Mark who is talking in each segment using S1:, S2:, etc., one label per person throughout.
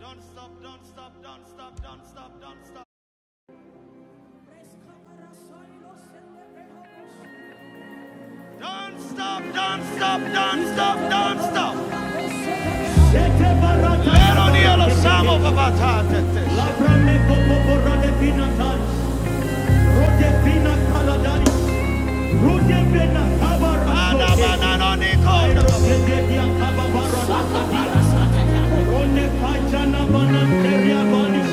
S1: Don't stop, don't stop, don't stop, don't stop, don't stop. Don't stop, don't stop, don't stop, don't stop. Sete barata Pero barata Dios pina. samo papatate. Labrame popo borade pina tan. Rode pina kaladari. Rode pena kabara Ana sote. banana Airo nikono. sete dia kaba barada kadira. Rode pajana bananteria banis.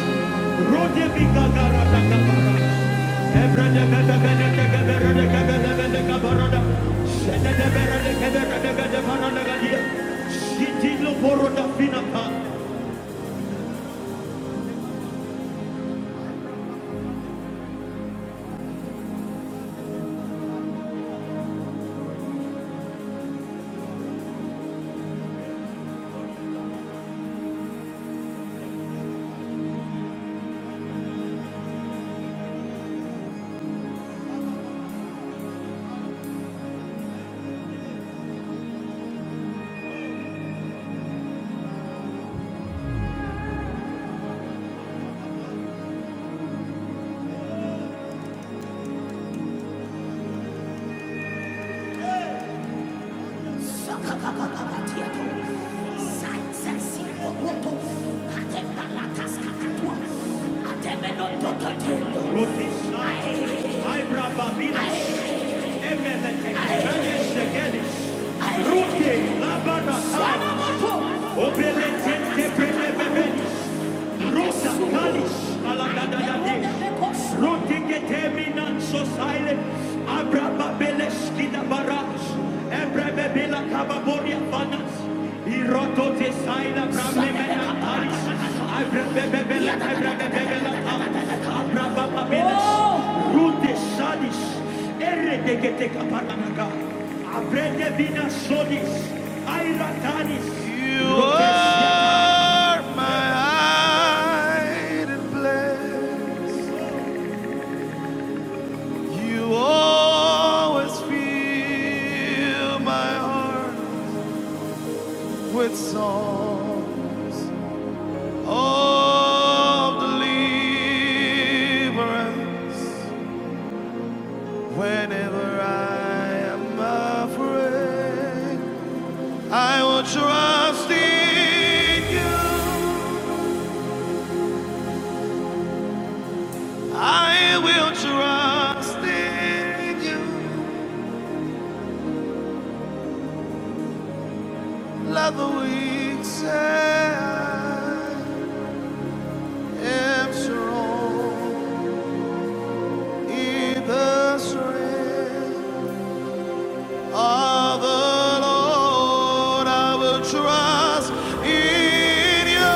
S1: Rode bigagara da gabara. Ebra da gada gada da gabara da gada da gada gabara da. Shada da bera gadia. Shiti lo boro Iroto design, a problem, and a palace. I brebebebele, I brebebebele, you are my hiding place. You always fill my heart with song of deliverance. Whenever I am afraid, I will trust in you. I will trust in you. Let the weak say I am strong in the strength of the Lord. I will trust in you.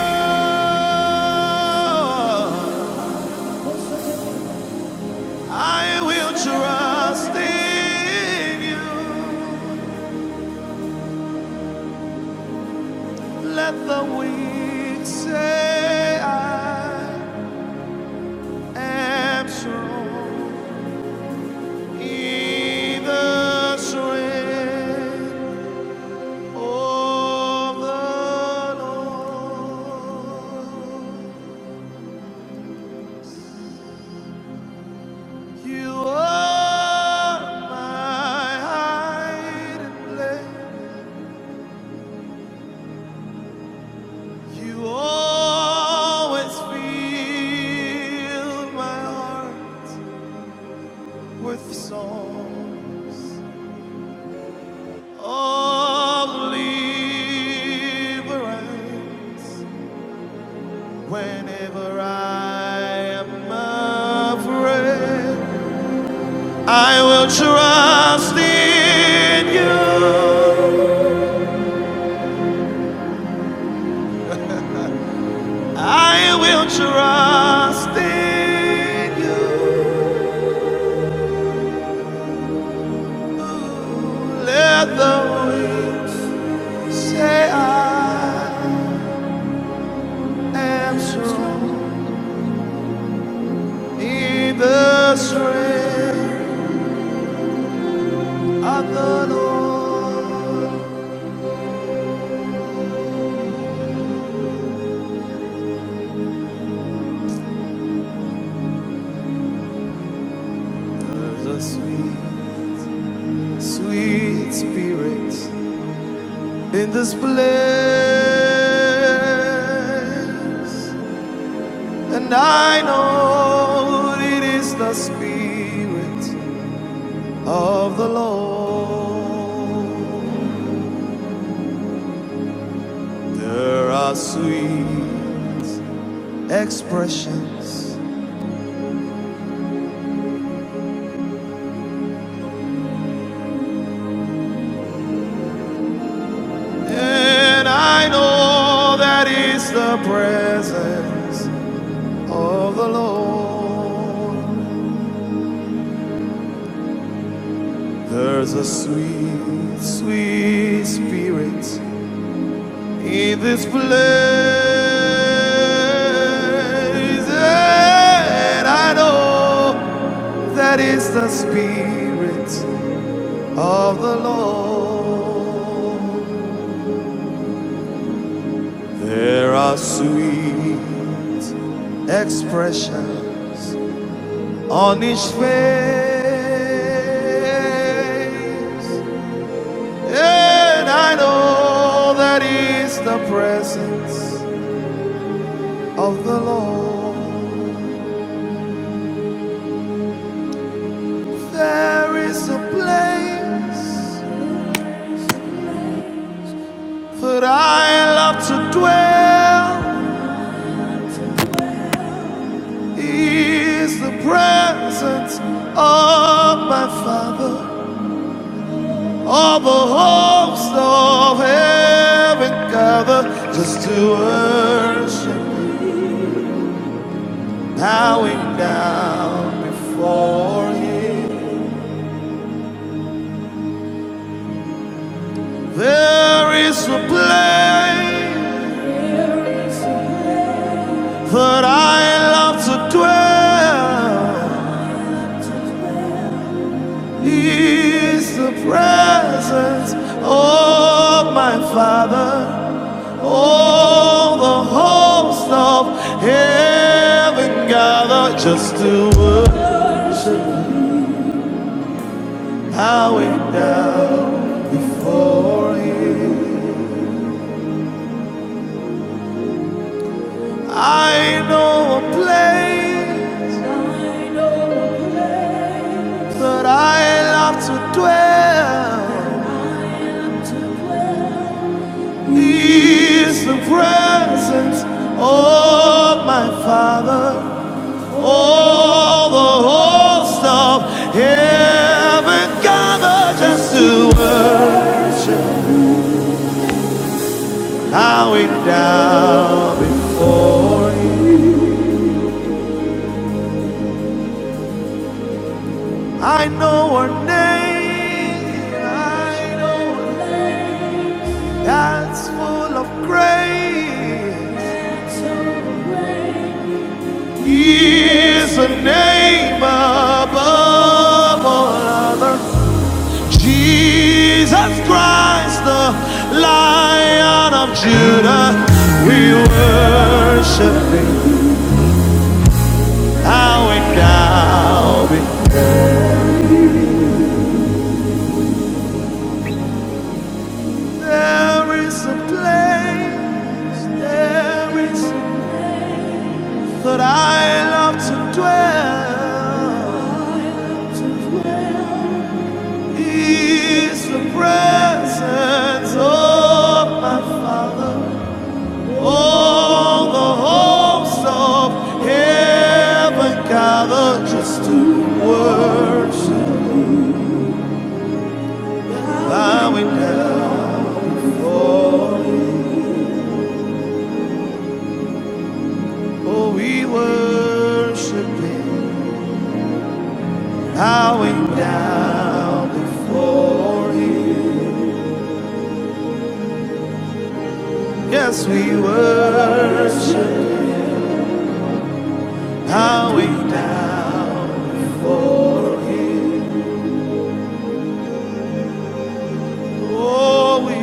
S1: I will trust in you. Let the weak say I am strong. In the strength of the Lord, you are my hiding place. You always fill my heart with songs of deliverance. Whenever I am afraid, I will trust in you. I will trust in you. Let the winds Say I am strong in the strength of the Lord. The sweet, sweet spirit in this place. And I know it is the spirit of the Lord. There are sweet expressions And I know that it's the presence of the Lord. There's a sweet, sweet spirit in this place. And I know that it's the spirit of the Lord. There are sweet expressions on his face. And I know that is the presence of the Lord. There is a place that I love to dwell. Is the presence of my Father. All the hopes of heaven gather just to worship. bowing down before Him. There is a place that I love to dwell. He Is the presence of my Father. All the host of heaven gather just to worship, bowing down before Him. I know a place that I love to dwell. He is the presence of my Father. All the host of heaven gather just to worship. Bowing down before you. I know her name. I know her name. That's full of grace. He is a name above all others. Jesus Christ, the Lion of Judah. We worship Thee, how it now be. There is a place, there is a But I love to dwell is the presence of my Father. All the hosts of heaven gather just to worship, bowing down. Oh, oh we worship Him, bowing down before Him. Yes, we worship, bowing down. Oh, we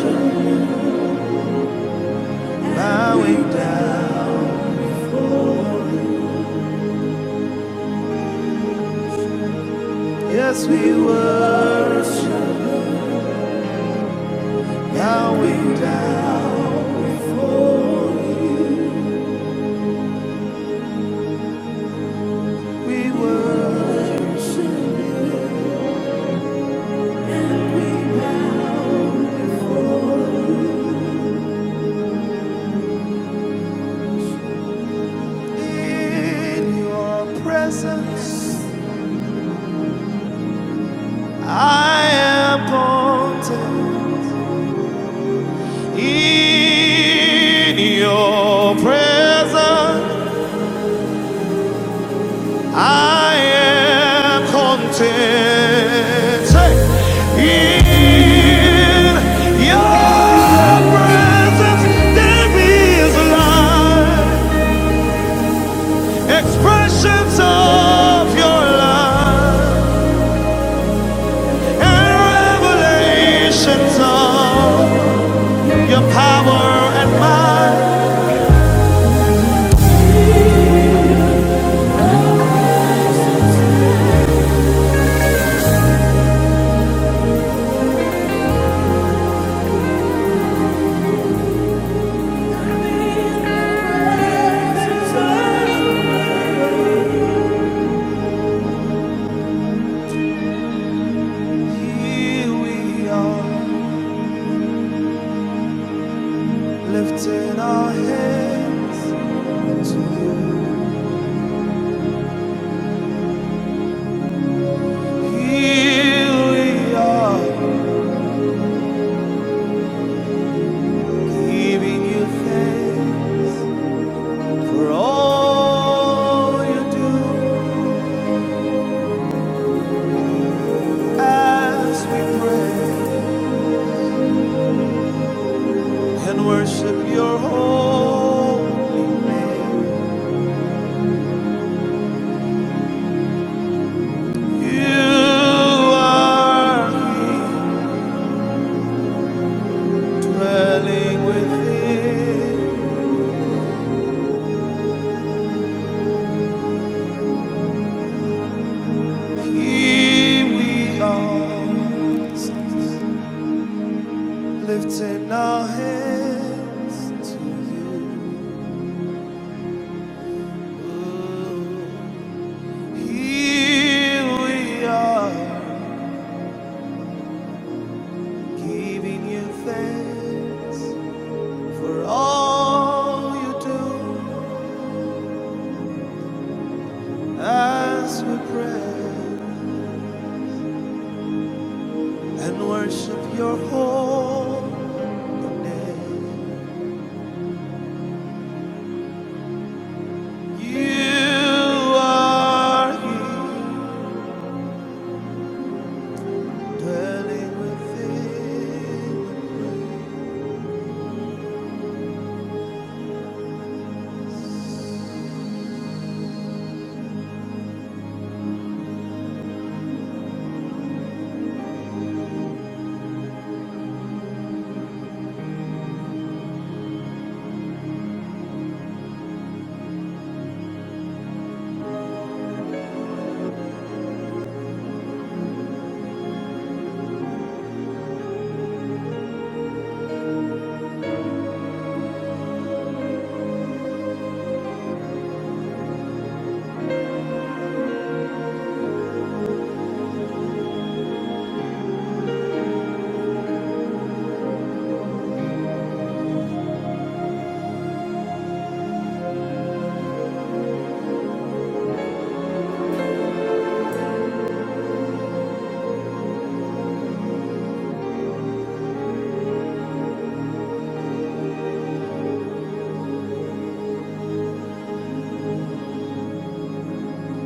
S1: worship, bowing down. Yes, we worship, bowing down. We worship in your presence. I am content in your presence. I am content in your presence. There is life, expressions of your love and revelations of your power and might. Here we are, lifting our hands to you. Here we are Giving you thanks for all you do as we pray and worship your holy name. You are here dwelling within. Here we are, lifting our hands to you. Here we are Giving you thanks for all you do as we pray and worship your holy name. You are here, dwelling within.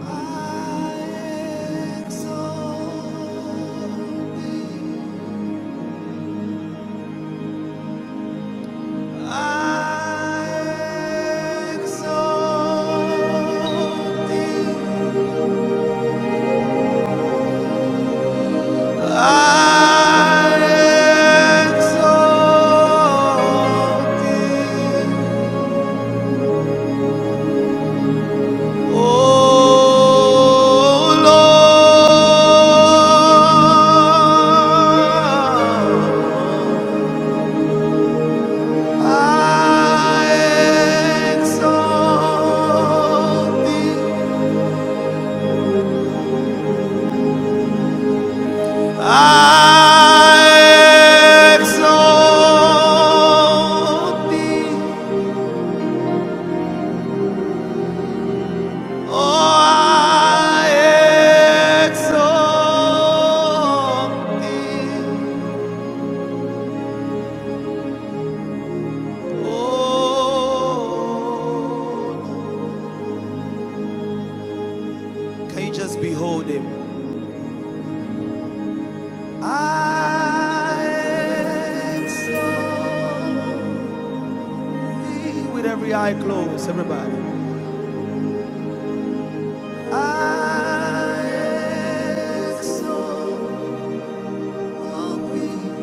S1: I exalt thee. I exalt thee. I exalt thee. O Lord. I exalt thee. I exalt thee, oh, I exalt thee, oh. Can you just behold him? I exalt thee with every eye closed, everybody. I exalt thee.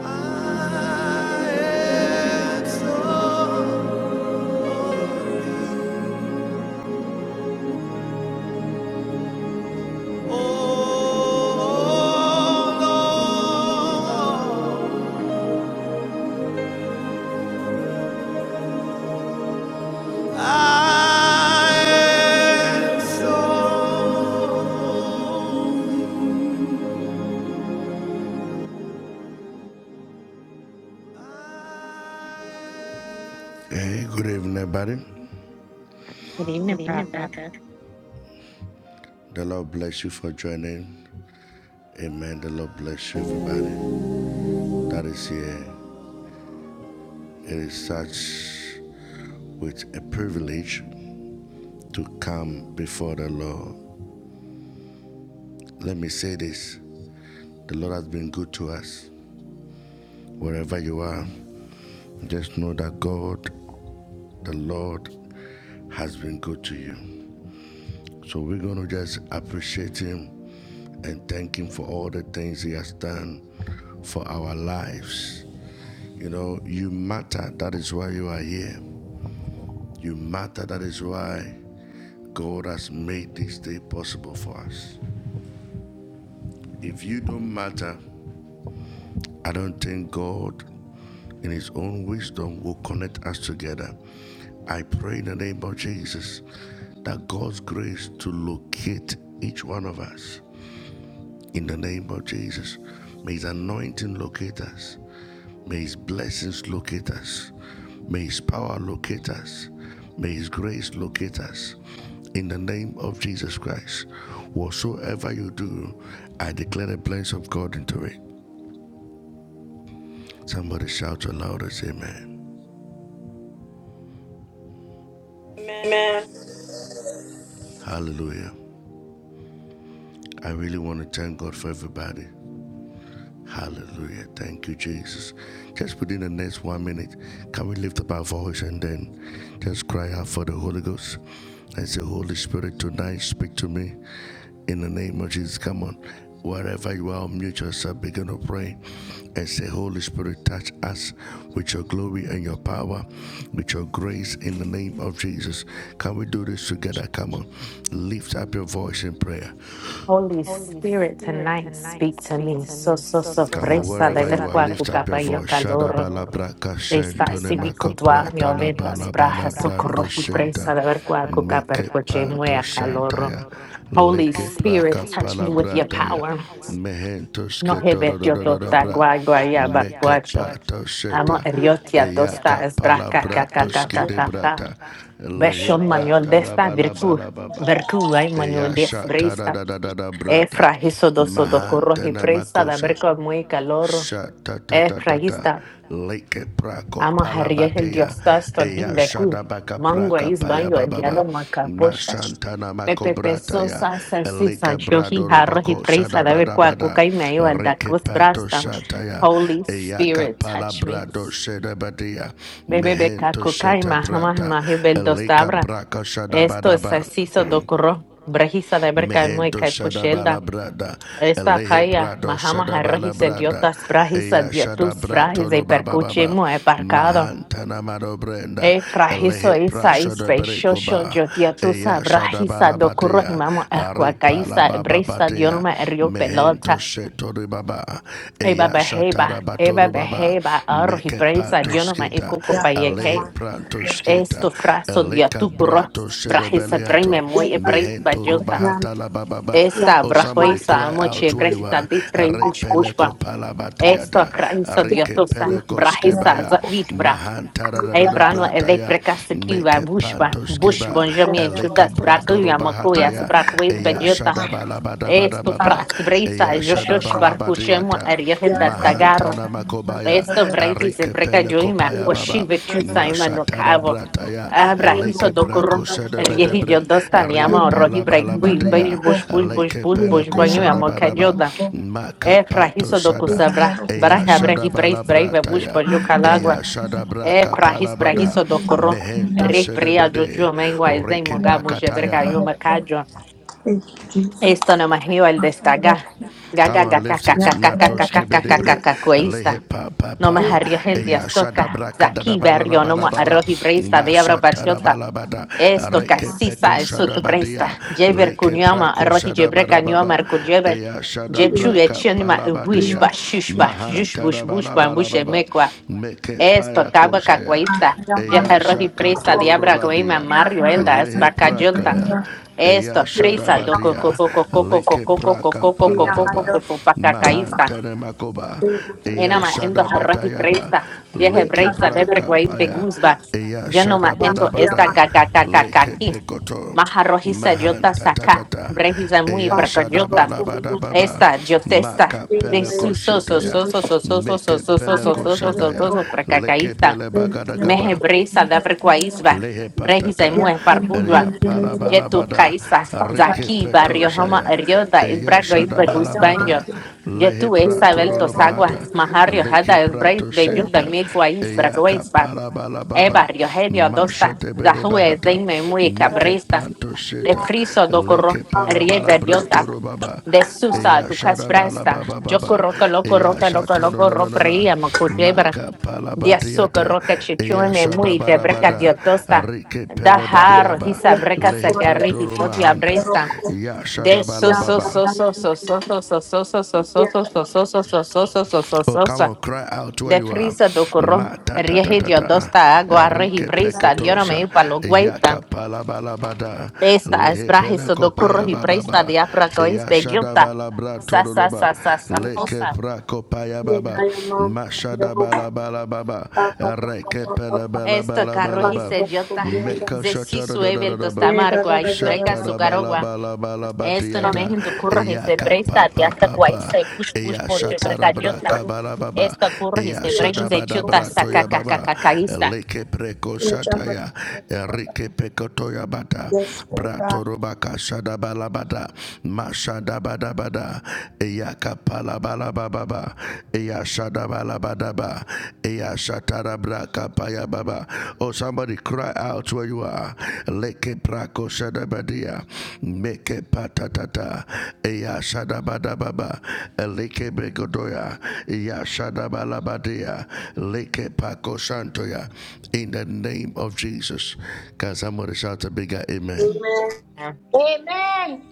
S1: I am so
S2: Good evening, Prophet.
S3: Amen.
S2: Holy Spirit, tonight speak to me. So, so, sorpresa de ver cuál tu cabello calor. Está cívico tu año, vetas, brajas, socorro y presa de ver cuál tu muea calor. Holy Spirit, touch me with your power. No hebet yo tosta guay guay abarcuacho. Amo eriotia tosta es braca ca ca ca ca ca ca. Beshon maniol desta virtu. Virtu ay maniol des E frahiso doso docorrohi presa da berco muy calor. E frahista ama herries el dios tasto indecu. Mango is bango el diablo macapocha. Pepe pesosa salsisa johi harrohi presa da berco acuca y meo al da cruz brasta. Holy Spirit, touch me. Bebe beca cuca y mahama mahi bel dos tabra. Esto es así so docorro. Brejisa da berca muy caipuchelda. Esta calle, Mahama Harrahis idiotas, brahis idiotus, brahis e percuche mue parcado. E frahiso isa is peixoxo, jotiatusa, brahisa, docurro himamo, ercuacaisa, brisa, diorma, rio pelota. Eba beheba, eba beheba, arroji presa, diorma, e cuco
S3: Yeah, yeah,
S2: payeque.
S3: man.
S2: Esto fraso, diatucurro, brahisa, brime,
S3: Yeah, yeah,
S2: mue, e brisa, jota.
S3: man. Yeah, yeah,
S2: Esta
S3: yeah, man. Yeah,
S2: brajoisa
S3: yeah,
S2: moche, brisa, distre, bush, Eso, Cristo Diosa, Brahisa, Zavitbra, Ebrano, Eve Precasequiva, Bushba, Bush Bonjamin, Judas, Bracuia, Macuia, Bracuis, Bejota, Esto, Fras, Brisa, Joshosh, Barcuchemo, Ariel
S3: man.
S2: das
S3: Yeah,
S2: Dagarro, Esto,
S3: yeah,
S2: Brahis, Brecajoima, Foshive,
S3: yeah,
S2: Chusaima, no Cavo, Abrahiso, Docoro, Riehillo, Dostaniamo, Rohi, Break, Bush, Bush, Bush, Bush, Bush, Bush, Banyo, É frahiso do kusabra, braha
S3: yeah.
S2: brahi preis braiva bush paju
S3: Thank you,
S2: calagua. É frahis brahiso do corro, re pria do tio mengua e zen mongabu jeberga yuma
S3: Jesus.
S2: Esto nomás iba el destaca. Gaga, gaga, gaga,
S3: Yeah,
S2: gaga, gaga, gaga, gaga, cuesta. No más arriba el días toca. Zaki berrio no más arroz y bresta de abra parchota. Esto casisa el sot bresta. Jeber cunyama arroz y jebre cañoma arcujeber. Jechu echenima wish ba shush ba shush bush bush bambush emekwa. Es tocaba cacuaita. Ya roji presa diabra guima mario elda es bacayolta. Esto fresa, do coco coco coco coco coco coco coco coco pacacaísta. Enama endo jarro y presa. Ya presa bebre guais de guzba. Yo no ma endo
S3: yeah,
S2: esta
S3: man.
S2: cacacacacaqui. Maja rojiza yota saca. Brejisa muy percoyota. Esta, yo testa. De su so so so so so so so so so so so so so so so Mehe brisa da frequaisba, brehisa mue parbuja, jetu kaisa, zaki barrio homa erioda, isbrago isba gus banjo, jetu esa beltos agua, mahario hada esbrais bejuda midwa isbrago e barrio helio dosta zahue zeime mui cabresta de criso docoro rieda diota de susa ducas presta gioco roca loco roca loco loco ropria macutebra dia soco roca chichume mui de breca diotosta da haro hisa breca sagarri hisodia bresta de so so so so so so so so so so so so so so so so so so so so de prisa do corro rieje dosta agua rehi presta diora me palo guaita esta es brajiso do corro hi presta de apracois de jota sa sa sa sa sa
S3: Yeah,
S2: osa
S3: Yeah, I am on the road. Pa pa pa pa pa pa pa.
S2: esto carro
S3: Pa
S2: hi
S3: na ro
S2: se
S3: ko
S2: jota de si sueve el tosta
S3: Yeah, da
S2: amargo
S3: da da
S2: ais
S3: da da
S2: brega
S3: da.
S2: su carogua
S3: da.
S2: esto
S3: Pa
S2: ne
S3: pa
S2: mejen do
S3: na ro.
S2: corro hi se presta de hasta guais se push push
S3: Yeah,
S2: poche
S3: da da
S2: brega
S3: da
S2: jota
S3: da da.
S2: esto corro hi se
S3: Yeah, na
S2: brega de
S3: ro
S2: jota
S3: ko
S2: sa ca ca ca ca ca ista
S3: Yeah, da da da da da. Yes, Lord God. Amen.
S4: Amen.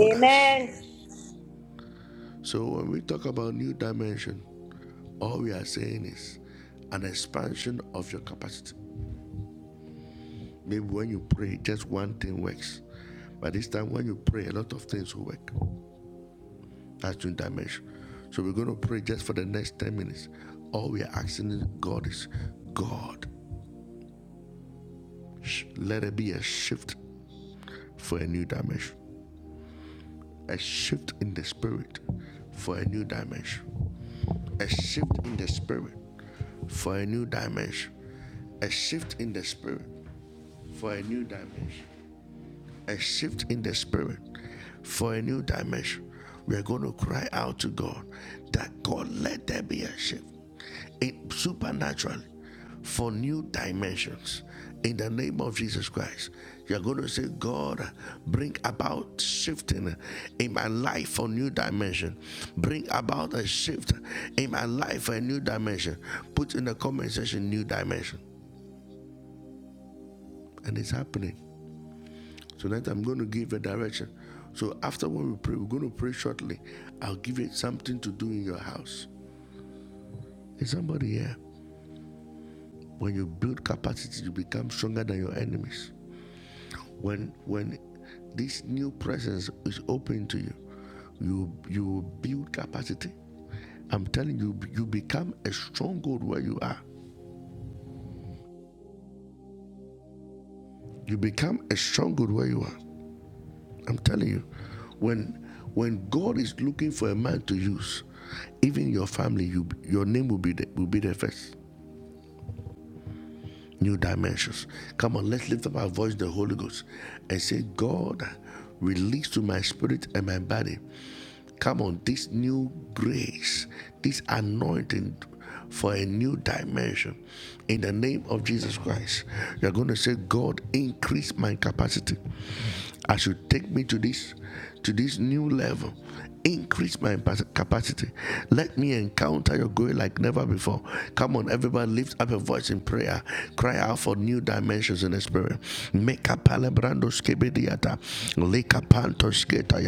S4: Amen.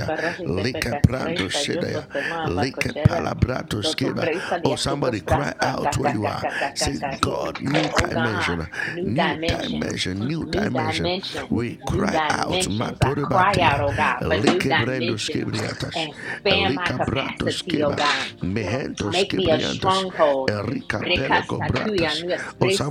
S2: Karahi sepekas preisa, juto sema bakochela, do tu preisa diatukos prasa, kakakakakakakari. Oh God, new dimensions, new dimensions,
S3: No
S2: new
S3: damage.
S2: dimensions. I cry out, oh God, for new dimensions and
S3: I
S2: expand
S3: am
S2: my
S3: working
S2: capacity, oh God.
S3: for
S2: Make
S3: God.
S2: me a stronghold. Brekasa kuya nu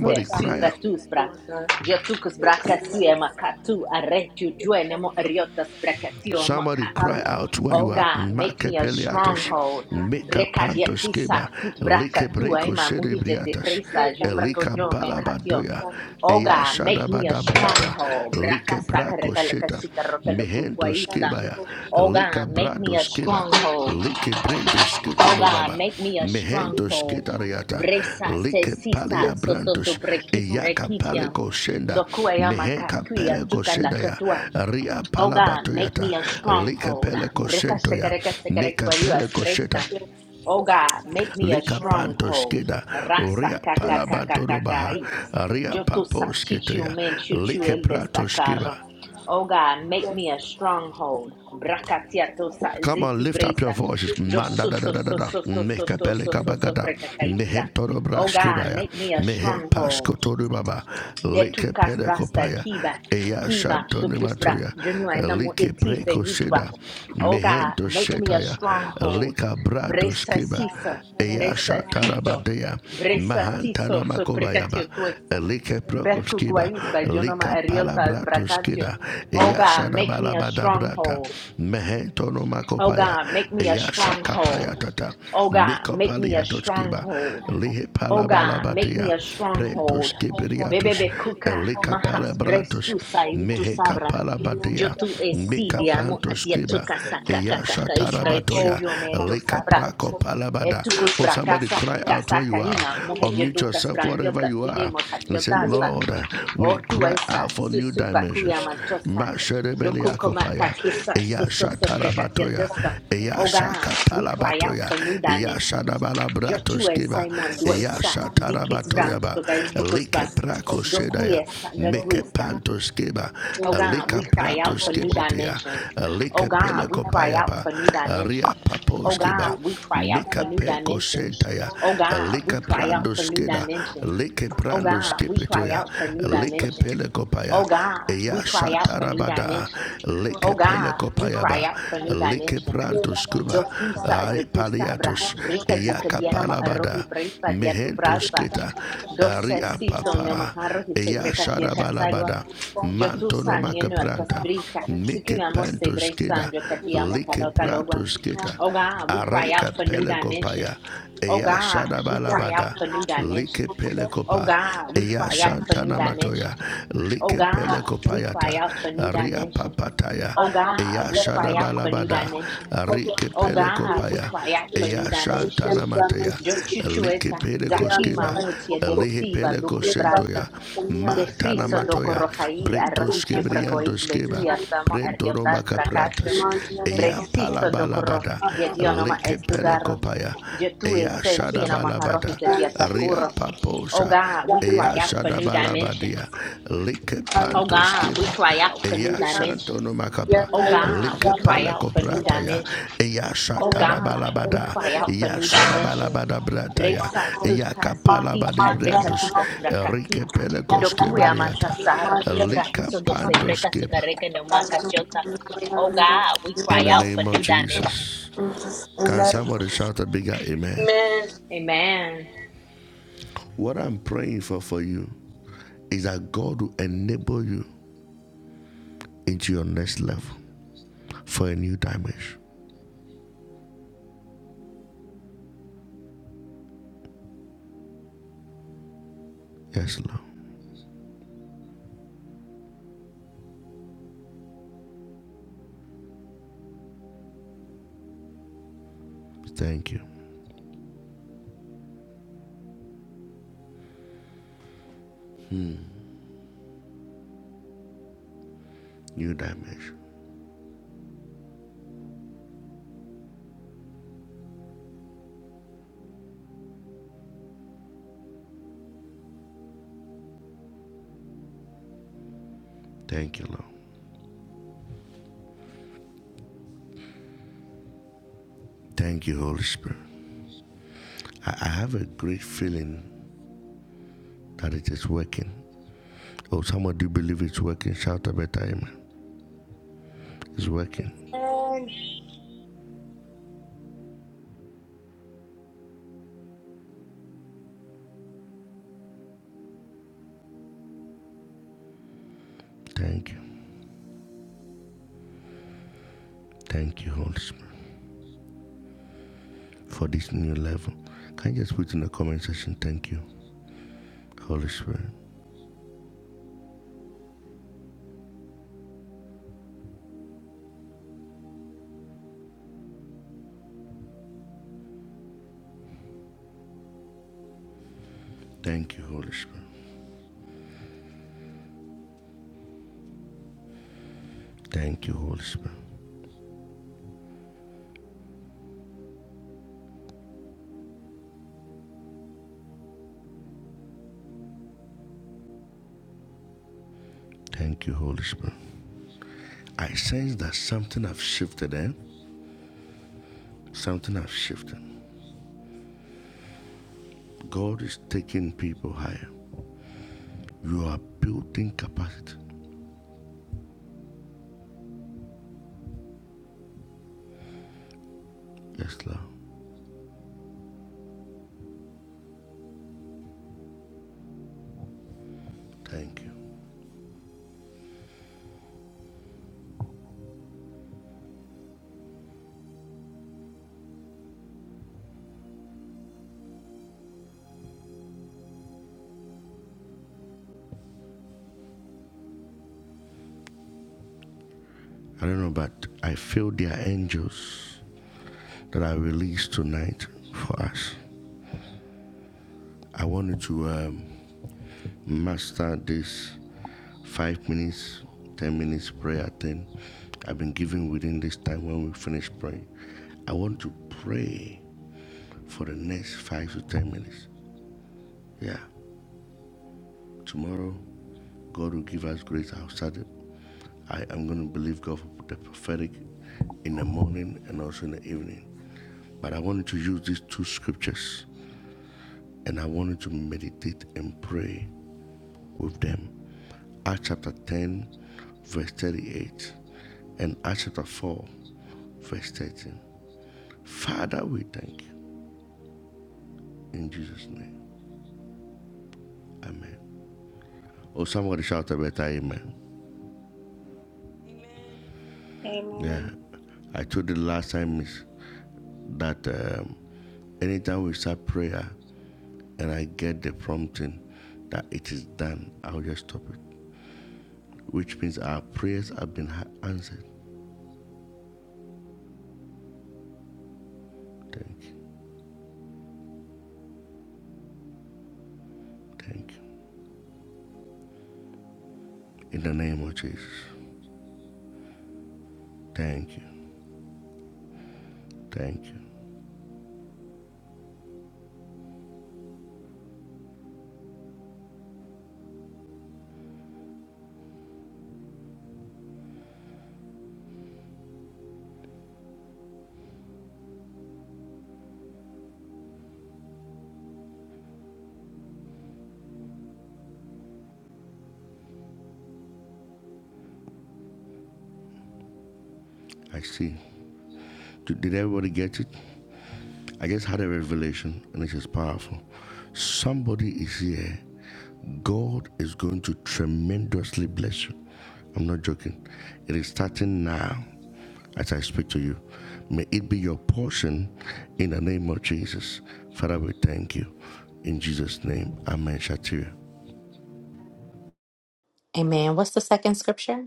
S3: No damage
S2: suvatus
S3: is
S2: bra.
S3: for
S2: Jatukus brakasu makatu aretu juenemo ariotas
S3: God.
S2: brakatio makato.
S3: damage is
S2: Oh
S3: what
S2: God, make me a stronghold.
S3: now I have
S2: Brekadiatisa fut brakatu ema muhije de
S3: no
S2: presa
S3: damage is
S2: jupragodiome
S3: what
S2: katio.
S3: damage is
S2: Oh God, make me a
S3: what I
S2: stronghold.
S3: have
S2: Braka sakareka leka
S3: communicated
S2: shika roka loku
S3: that I
S2: kwaista.
S3: have
S2: Oh
S3: communicated
S2: God, make me a stronghold. Oh God, make me a stronghold. Bresa se sisa
S3: Yes,
S2: so
S3: I
S2: so so
S3: have
S2: brekis
S3: no communication
S2: brekitia. Dokuayama kakuya tuka la katua. Oh God, make me a stronghold. Breka sekereka sekerekwayuas bresa. Oh God, make me a stronghold. Rasa kaka kaka kakai. Yo tu sa chichu men chuchu el destacar. Oh God, make
S3: yes,
S2: me a
S3: I have
S2: stronghold. Brakatia to ziti bresa. Yo so so so so so so so so so so precacayista. Oh God, make me a stronghold. De tu cas brasta kiba kiba tu kusbra junua namu etise vitva. Oh God, make me a stronghold. Bresa siso, bresa siso, bresa siso so precatio tuexa. Berku guais by Jonoma Ariotas Bracatio. Oh God, make me a stronghold. Oh God, make me a stronghold. Oh God, make me a stronghold. Oh God, make me a stronghold.
S3: no work I have
S2: Bebebe kuka
S3: no work
S2: mahas brestu saivitu sabra.
S3: beyond the
S2: Yo tu
S3: other of
S2: esidiamo adiatu
S3: this
S2: casa
S3: and
S2: saka caca isra
S3: on
S2: e
S3: all of them
S2: chudiomento sabra.
S3: but for
S2: E tu
S3: you
S2: cusbra
S3: that I have
S2: casa casa caina mujer yeduca sprangiota sigue mocachiotas.
S3: made
S2: O tu esa susupa cuya mantosa. Dokukomakakisa susosodrekatiatesta. Oh God, we cry out for new dimensions. Jotue Simon Duesta, Dikis Brand, Togais Bukusba, Dokuesa Gaguista, Oh God, we cry out for new dimensions. Oh God, we cry out for new dimensions. Oh God, we cry out for new dimensions. Oh God, we cry out for new dimensions. Oh God, we cry out for new dimensions. Oh God, we cry out for new dimensions. Oh God, we cry out for new dimensions.
S3: you that I have
S2: Do
S3: done that I have done
S2: frisa,
S3: that
S2: yo tu sabra, brika yo ma arroji presa, dia tu brasa. Do se siso, no maharro, se breca tierra salva. Yotusan yenuertas brika, sikuyamos se bresan, yokatiamo kalokaloba. Oh God, we cry out for new dimensions. Oh
S3: I have
S2: God, we
S3: done
S2: cry out for new dimensions. Oh God, we cry out for new dimensions. Oh God, we cry out for new dimensions. Oh God, we cry out for new dimensions. Oh God, we cry out for new dimensions. Yo chuchueta, zakima mutia desiva dukus brasa. De friso do corrojaí, arrojiche bracois bequia samo ariotas bracacho, bresiso do corro, yedionoma es dugarro, jetui se sinoma arrojite diatacurro. Oh God, we cry out for new dimensions. Oh God, we cry out for new dimensions. Oh God, we cry out for new dimensions. Oh God, we cry out for new dimensions. Bresa susa sisisa brekatukas brakati dokuya mantasar hibra dose breka sukareke no Oh God, we cry out for new dimensions.
S3: Amen.
S2: Amen.
S4: Amen. Amen.
S2: Amen. What's the second scripture?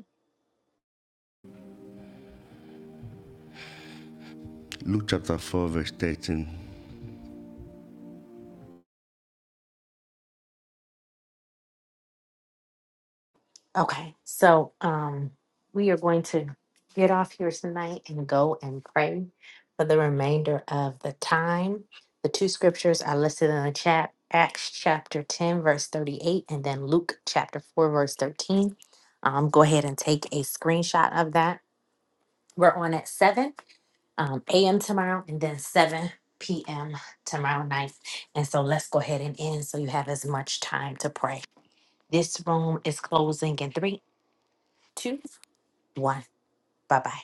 S2: Okay, so um, we are going to get off here tonight and go and pray for the remainder of the time. The two scriptures are listed in the chat Acts chapter 10, verse 38, and then Luke chapter 4, verse 13. Um, go ahead and take a screenshot of that. We're on at 7 um, a.m. tomorrow and then 7 p.m. tomorrow night. And so let's go ahead and end so you have as much time to pray. This room is closing in three, two. one one. Bye bye.